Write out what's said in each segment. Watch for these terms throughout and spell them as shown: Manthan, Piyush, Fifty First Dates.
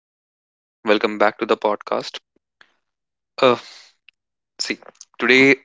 Hello everyone. Welcome back to the podcast. Uh see, today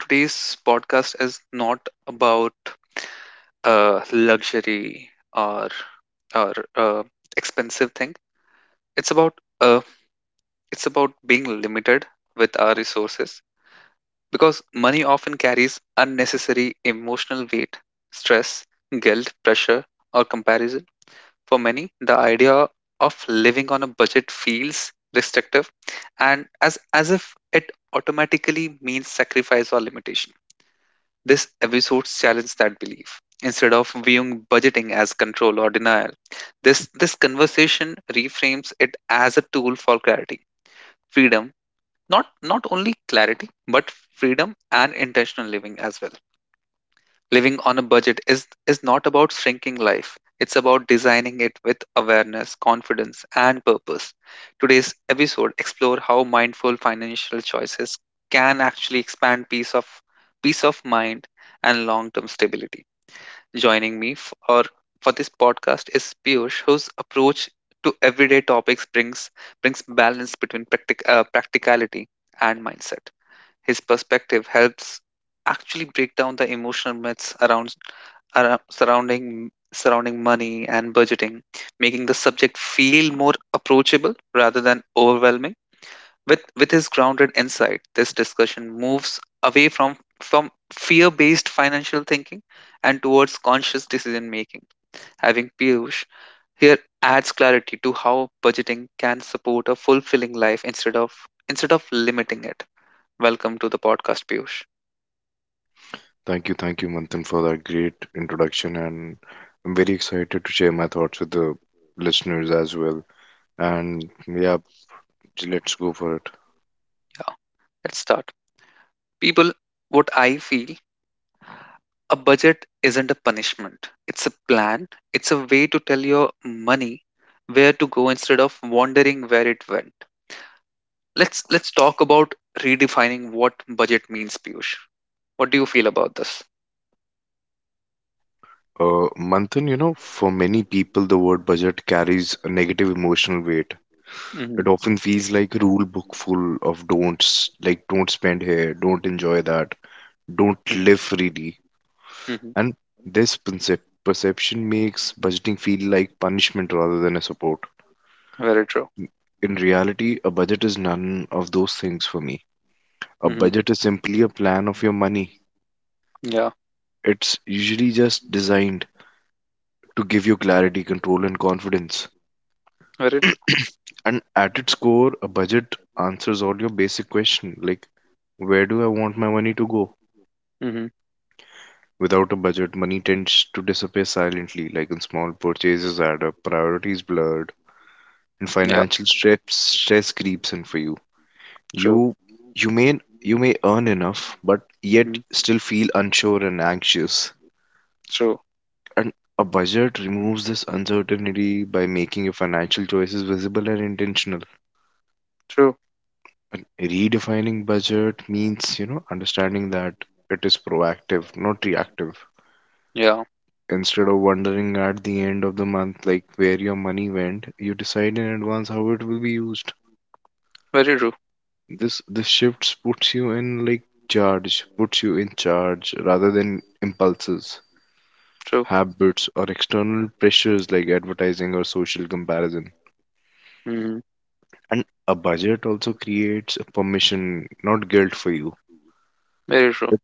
today's podcast is not about luxury or uh, expensive thing. It's about uh it's about being limited with our resources, because money often carries unnecessary emotional weight, stress, guilt, pressure, or comparison. For many, the idea of living on a budget feels restrictive and as if it automatically means sacrifice or limitation. This episode challenges that belief. Instead of viewing budgeting as control or denial, this conversation reframes it as a tool for clarity, freedom. Not only clarity, but freedom and intentional living as well. Living on a budget is not about shrinking life. It's about designing it with awareness, confidence, and purpose. Today's episode explore how mindful financial choices can actually expand peace of mind and long-term stability. Joining me for this podcast is Piyush, whose approach to everyday topics brings balance between practicality and mindset. His perspective helps actually break down the emotional myths around arou- surrounding surrounding money and budgeting, making the subject feel more approachable rather than overwhelming. With his grounded insight, this discussion moves away from fear-based financial thinking and towards conscious decision making. Having Piyush here adds clarity to how budgeting can support a fulfilling life instead of limiting it. Welcome to the podcast, Piyush. Thank you, Manthan, for that great introduction. And I'm very excited to share my thoughts with the listeners as well. And yeah, let's go for it. Yeah, let's start. People, what I feel, a budget isn't a punishment. It's a plan. It's a way to tell your money where to go instead of wondering where it went. Let's talk about redefining what budget means, Piyush. What do you feel about this? Manthan, you know, for many people, the word budget carries a negative emotional weight. Hmm. It often feels like a rule book full of don'ts, like don't spend here, don't enjoy that, don't Hmm. live freely. Hmm. And this perception makes budgeting feel like punishment rather than a support. Very true. In reality, a budget is none of those things for me. A Hmm. budget is simply a plan of your money. Yeah, It's usually just designed to give you clarity, control, and confidence. very true. And at its core, a budget answers all your basic questions like where do I want my money to go? Hmm. Without a budget, money tends to disappear silently, like in small purchases add up, priorities blurred, and Yeah, financial stress creeps in for you. true. You you may earn enough, but yet Hmm. still feel unsure and anxious. True. And a budget removes this uncertainty by making your financial choices visible and intentional. True. And redefining budget means, you know, understanding that it is proactive, not reactive. Yeah, Instead of wondering at the end of the month like where your money went, you decide in advance how it will be used. very true. This shifts puts you in like charge, puts you in charge rather than impulses, True. habits or external pressures like advertising or social comparison. Hmm. And a budget also creates a permission, not guilt for you. Very true. But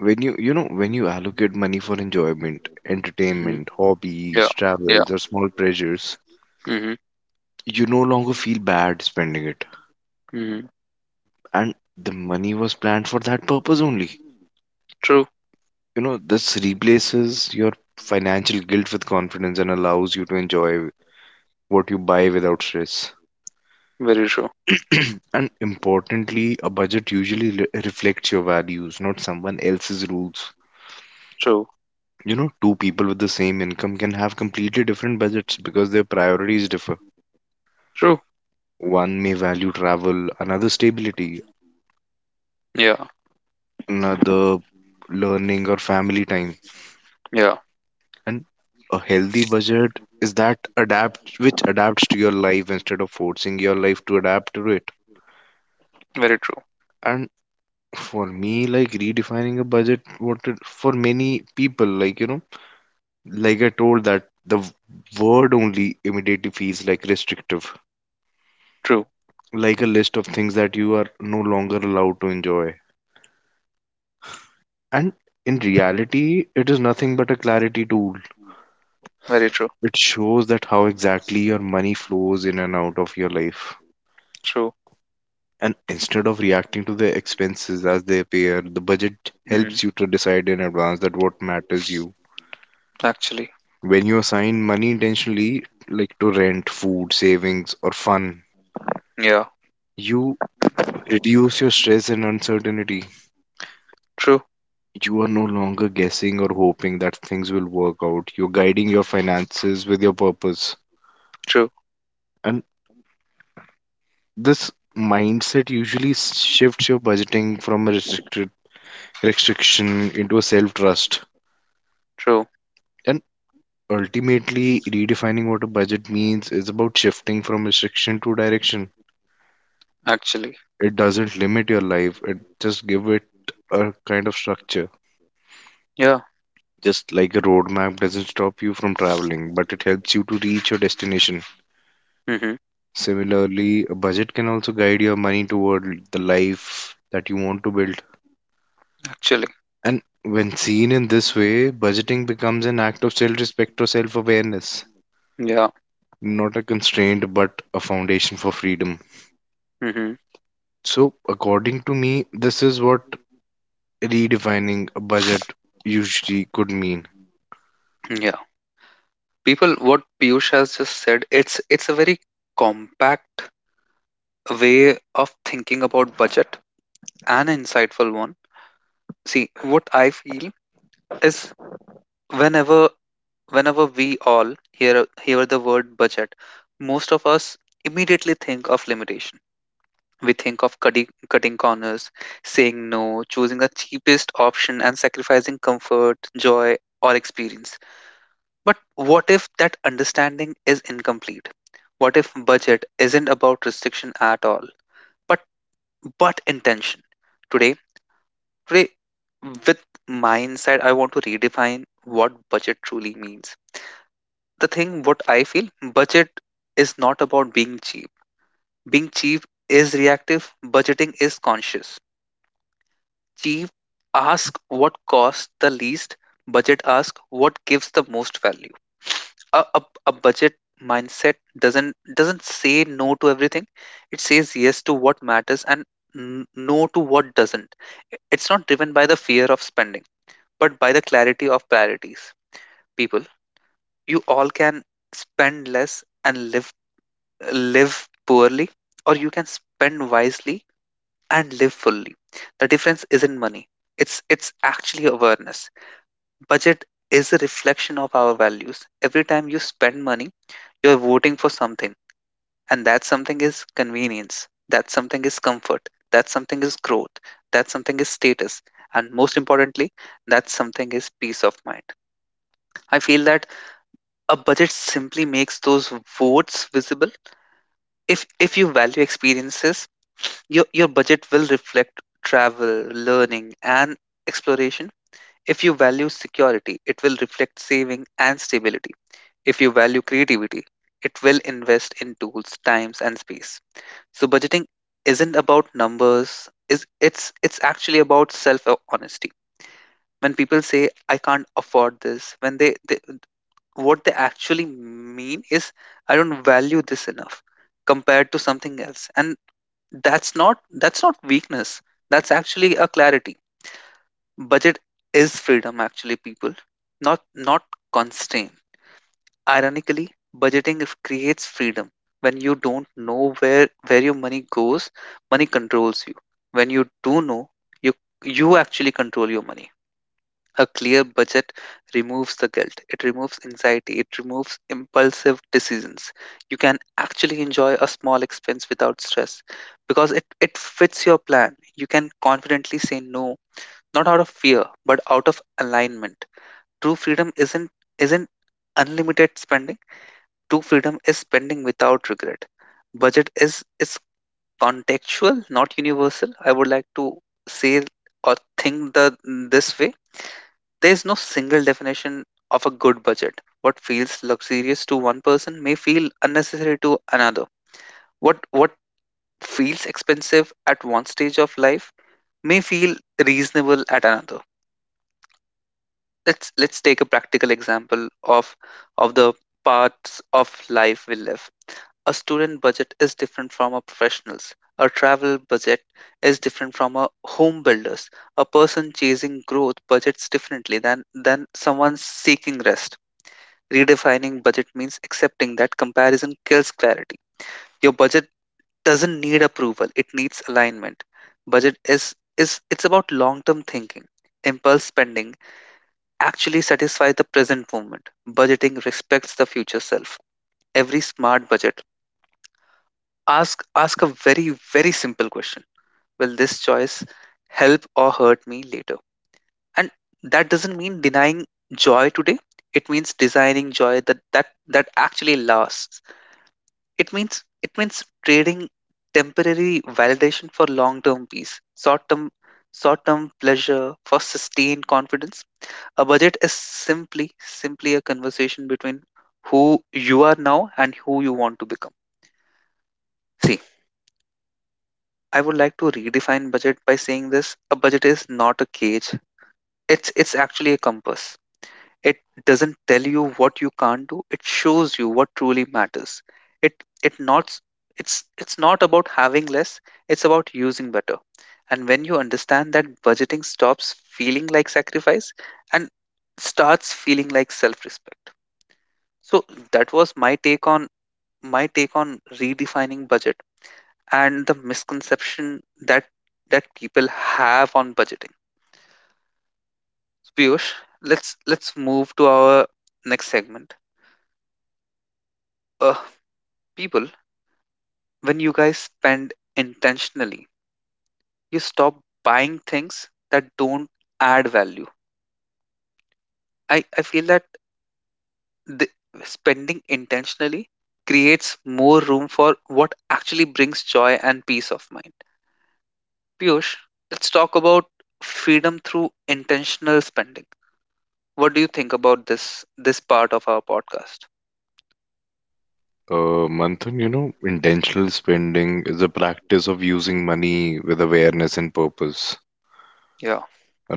when you know, when you allocate money for enjoyment, Hmm. entertainment, hobbies, Yeah. Yeah. travels, or small pleasures, Hmm. you no longer feel bad spending it. Hmm. And the money was planned for that purpose only. True. You know, this replaces your financial guilt with confidence and allows you to enjoy what you buy without stress. Very true. And importantly, a budget usually reflects your values, not someone else's rules. True. You know, two people with the same income can have completely different budgets because their priorities differ. True. One may value travel, another stability, Yeah. another learning or family time. Yeah. And a healthy budget is that adapt which adapts to your life instead of forcing your life to adapt to it. Very true. And for me, like redefining a budget, what it, for many people, like like I told, that the word only immediately feels like restrictive, True. like a list of things that you are no longer allowed to enjoy. And in reality, it is nothing but a clarity tool. Very true. It shows that how exactly your money flows in and out of your life. True. And instead of reacting to the expenses as they appear, the budget Mm-hmm. helps you to decide in advance that what matters you. Actually. When you assign money intentionally, like to rent, food, savings, or fun, Yeah. you reduce your stress and uncertainty. True. You are no longer guessing or hoping that things will work out. You're guiding your finances with your purpose. True. And this mindset usually shifts your budgeting from a restricted restriction into a self trust. True. And ultimately, redefining what a budget means is about shifting from restriction to direction. Actually. It doesn't limit your life, it just give it a kind of structure. Yeah. Just like a roadmap doesn't stop you from traveling, but it helps you to reach your destination. Mm-hmm. Similarly, a budget can also guide your money toward the life that you want to build. Actually. And when seen in this way, budgeting becomes an act of self respect or self awareness, Yeah. not a constraint, but a foundation for freedom. Mm-hmm. So, according to me, this is what redefining a budget usually could mean. Yeah. People, what Piyush has just said, it's a very compact way of thinking about budget, an insightful one. See, what I feel is, whenever whenever we all hear the word budget, most of us immediately think of limitation. We think of cutting corners, saying no, choosing the cheapest option, and sacrificing comfort, joy, or experience. But what if that understanding is incomplete? What if budget isn't about restriction at all, but but intention? Today, today, with my insight, I want to redefine what budget truly means. The thing, what I feel, budget is not about being cheap. Being cheap is reactive. Budgeting is conscious. Chief, ask what costs the least; budget ask what gives the most value. A budget mindset doesn't say no to everything. It says yes to what matters and no to what doesn't. It's not driven by the fear of spending, but by the clarity of priorities. People, you all can spend less and live poorly, or you can spend wisely and live fully. The difference isn't money. It's actually awareness. Budget is a reflection of our values. Every time you spend money, you're voting for something. And that something is convenience. That something is comfort. That something is growth. That something is status. And most importantly, that something is peace of mind. I feel that a budget simply makes those votes visible. If you value experiences, your budget will reflect travel, learning, and exploration. If you value security, it will reflect saving and stability. If you value creativity, it will invest in tools, times, and space. So budgeting isn't about numbers, is it's actually about self honesty. When people say I can't afford this, when they what they actually mean is I don't value this enough compared to something else. And that's not weakness, that's actually a clarity. Budget is freedom actually, people, not constraint. Ironically, budgeting if- creates freedom. When you don't know where your money goes, money controls you. When you do know, you you actually control your money. A clear budget removes the guilt, it removes anxiety, it removes impulsive decisions. You can actually enjoy a small expense without stress, because it fits your plan. You can confidently say no, not out of fear, but out of alignment. True freedom isn't unlimited spending. True freedom is spending without regret. Budget is contextual, not universal. I would like to say or think the this way: there's no single definition of a good budget. What feels luxurious to one person may feel unnecessary to another. What feels expensive at one stage of life may feel reasonable at another. Let's take a practical example of the parts of life we live. A student budget is different from a professional's. A travel budget is different from a home builder's. A person chasing growth budgets differently than someone seeking rest. Redefining budget means accepting that comparison kills clarity. Your budget doesn't need approval, it needs alignment. Budget is it's about long-term thinking. Impulse spending actually satisfies the present moment. Budgeting respects the future self. Every smart budget ask a very simple question. Will this choice help or hurt me later? And that doesn't mean denying joy today. It means designing joy that actually lasts. It means trading temporary validation for long-term peace, short-term pleasure for sustained confidence. A budget is simply a conversation between who you are now and who you want to become. See, I would like to redefine budget by saying this. A budget is not a cage. It's actually a compass. It doesn't tell you what you can't do. It shows you what truly matters. It it not it's it's not about having less. It's about using better. And when you understand that, budgeting stops feeling like sacrifice and starts feeling like self-respect. So that was my take on redefining budget and the misconception that people have on budgeting. So Piyush, let's move to our next segment. Uh, people, when you guys spend intentionally, you stop buying things that don't add value. I feel that the spending intentionally creates more room for what actually brings joy and peace of mind. Piyush, let's talk about freedom through intentional spending. What do you think about this part of our podcast? Manthan, you know, intentional spending is a practice of using money with awareness and purpose. Yeah.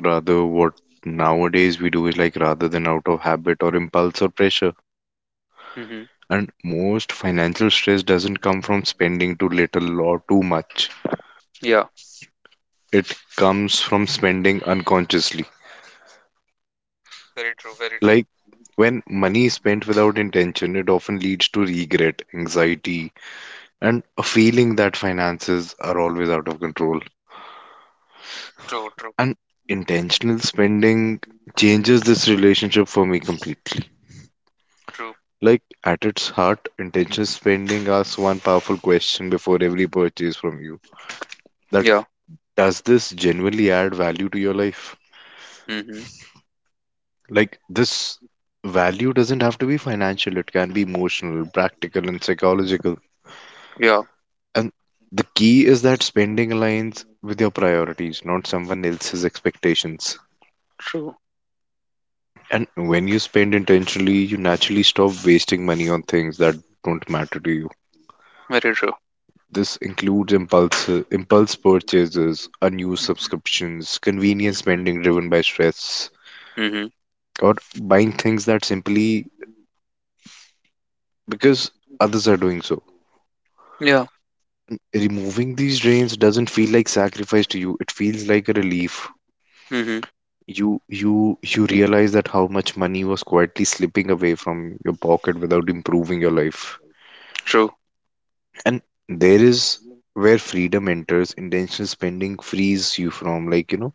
Rather, what nowadays we do is like rather than out of habit or impulse or pressure. Mm-hmm. And most financial stress doesn't come from spending too little or too much. Yeah. It comes from spending unconsciously. Very true. Like when money is spent without intention, it often leads to regret, anxiety, and a feeling that finances are always out of control. True. True. And intentional spending changes this relationship for me completely. True. Like at its heart, intentional spending asks one powerful question before every purchase from you. That Yeah. does this genuinely add value to your life? Mm-hmm. Like this value doesn't have to be financial, it can be emotional, practical and psychological. Yeah. And the key is that spending aligns with your priorities, not someone else's expectations. True. And when you spend intentionally, you naturally stop wasting money on things that don't matter to you. Very true. This includes impulse purchases, unused subscriptions, convenience spending driven by stress, Mm-hmm. or buying things that simply because others are doing so. Yeah. Removing these drains doesn't feel like sacrifice to you. It feels like a relief. Mm-hmm. You realize that how much money was quietly slipping away from your pocket without improving your life. True. And there is where freedom enters. Intentional spending frees you from, like, you know,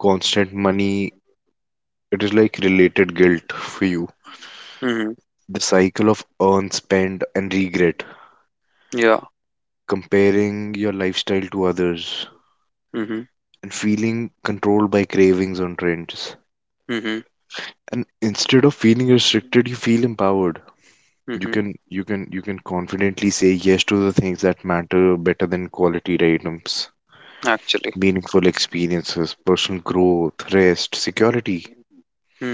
constant money, it is like related guilt for you, Mm-hmm. the cycle of earn, spend and regret, Yeah. comparing your lifestyle to others Mm-hmm. and feeling controlled by cravings on trends. Mm-hmm. And instead of feeling restricted, you feel empowered. you Mm-hmm. can you can you can confidently say yes to the things that matter, better than quality items, Actually. meaningful experiences, personal growth, rest, security.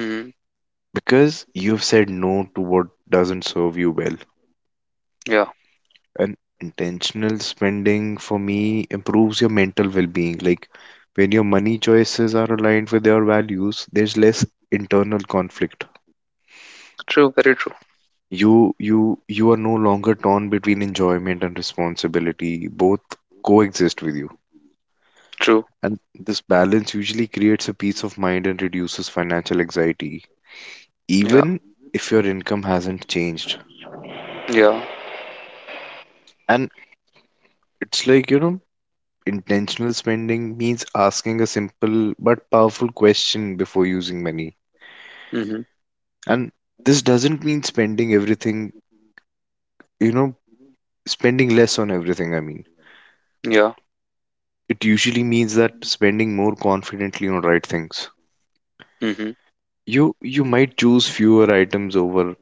Mm-hmm. Because you've said no to what doesn't serve you well. Yeah. And intentional spending for me improves your mental well being. Like when your money choices are aligned with your values, there's less internal conflict. True. Very true. You are no longer torn between enjoyment and responsibility. Both coexist with you. True. And this balance usually creates a peace of mind and reduces financial anxiety Yeah. even if your income hasn't changed. Yeah. And it's like, you know, intentional spending means asking a simple but powerful question before using money. Mm-hmm. And this doesn't mean spending everything, you know, spending less on everything, I mean. Yeah. It usually means that spending more confidently on right things. Mm-hmm. You might choose fewer items over.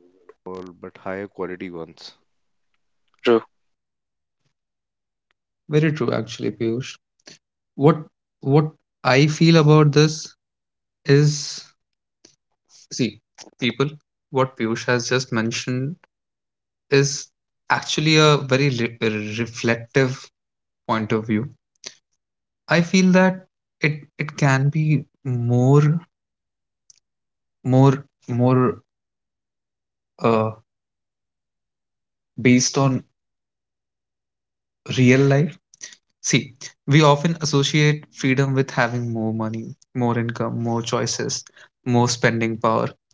True. Very true, actually, Piyush. What what I feel about this is, see, people, what Piyush has just mentioned is actually a very reflective point of view. I feel that it can be more more more uh, based on real life. See, we often associate freedom with having more money, more income, more choices, more spending power.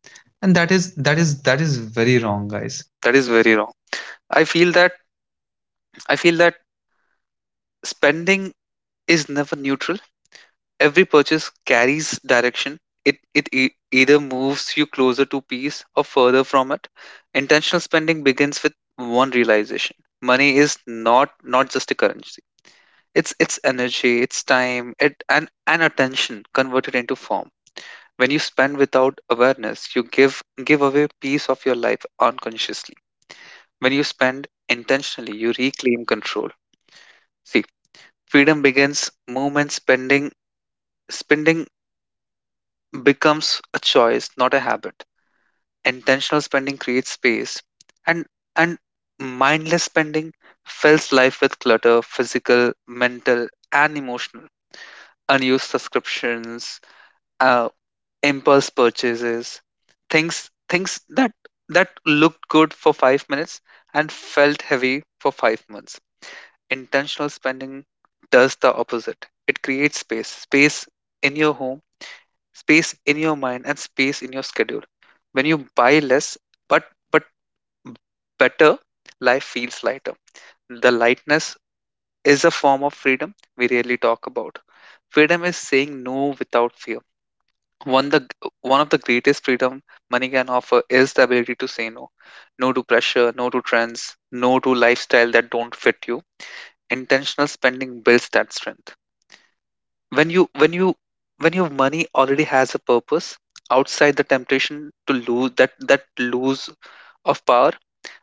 And that is very wrong, guys. That is very wrong. I feel that I feel that spending is never neutral. Every purchase carries direction. It either moves you closer to peace or further from it. Intentional spending begins with one realization: money is not just a currency. It's energy, it's time, it and attention converted into form. When you spend without awareness, you give away piece of your life unconsciously. When you spend intentionally, you reclaim control. See, freedom begins movement spending becomes a choice, not a habit. Intentional spending creates space and and mindless spending fills life with clutter, physical, mental, and emotional. Unused subscriptions, uh, impulse purchases, things that looked good for 5 minutes and felt heavy for 5 months. Intentional spending does the opposite. It creates space, space in your home, space in your mind, and space in your schedule. When you buy less but but better, life feels lighter. The lightness is a form of freedom we rarely talk about. Freedom is saying no without fear. One the One of the greatest freedom money can offer is the ability to say no. No to pressure, no to trends, no to lifestyle that don't fit you. Intentional spending builds that strength. When you when you when your money already has a purpose, outside the temptation to lose that that lose of power,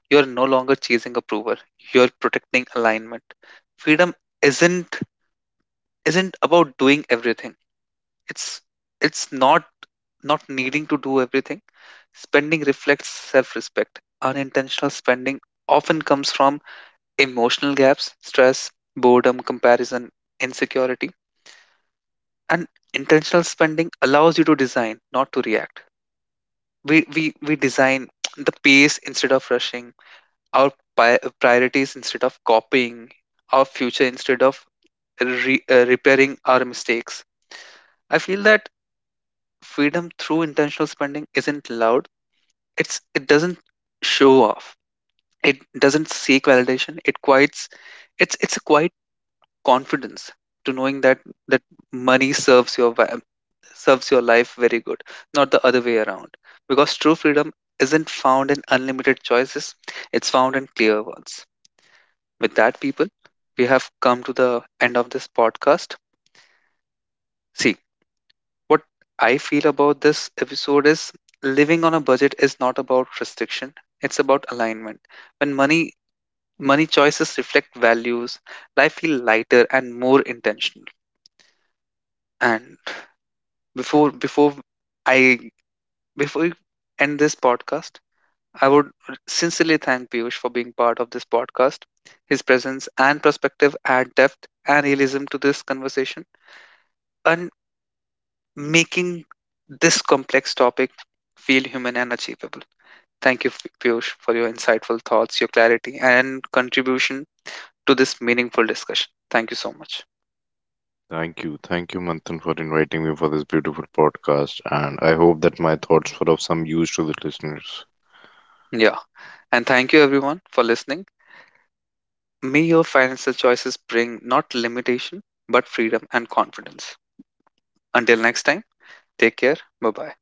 you are no longer chasing approval. You are protecting alignment. Freedom isn't isn't about doing everything. It's it's not not needing to do everything. Spending reflects self respect. Unintentional spending often comes from emotional gaps, stress, boredom, comparison, insecurity. And intentional spending allows you to design, not to react. We design the pace instead of rushing, our priorities instead of copying, our future instead of repairing our mistakes. I feel that freedom through intentional spending isn't loud. It doesn't show off. It doesn't seek validation. It quiets. It's a quiet confidence to knowing that money serves your serves your life very good, not the other way around. Because true freedom isn't found in unlimited choices. It's found in clear ones. With that, people, we have come to the end of this podcast. See, what I feel about this episode is, living on a budget is not about restriction. It's about alignment. When money choices reflect values, life feel lighter and more intentional. And before before i before we end this podcast, I would sincerely thank Piyush for being part of this podcast. His presence and perspective add depth and realism to this conversation, and making this complex topic feel human and achievable. Thank you, Piyush, for your insightful thoughts, your clarity, and contribution to this meaningful discussion. Thank you so much. Thank you. Thank you, Manthan, for inviting me for this beautiful podcast. And I hope that my thoughts were of some use to the listeners. Yeah. And thank you everyone for listening. May your financial choices bring not limitation, but freedom and confidence. Until next time, take care. Bye bye.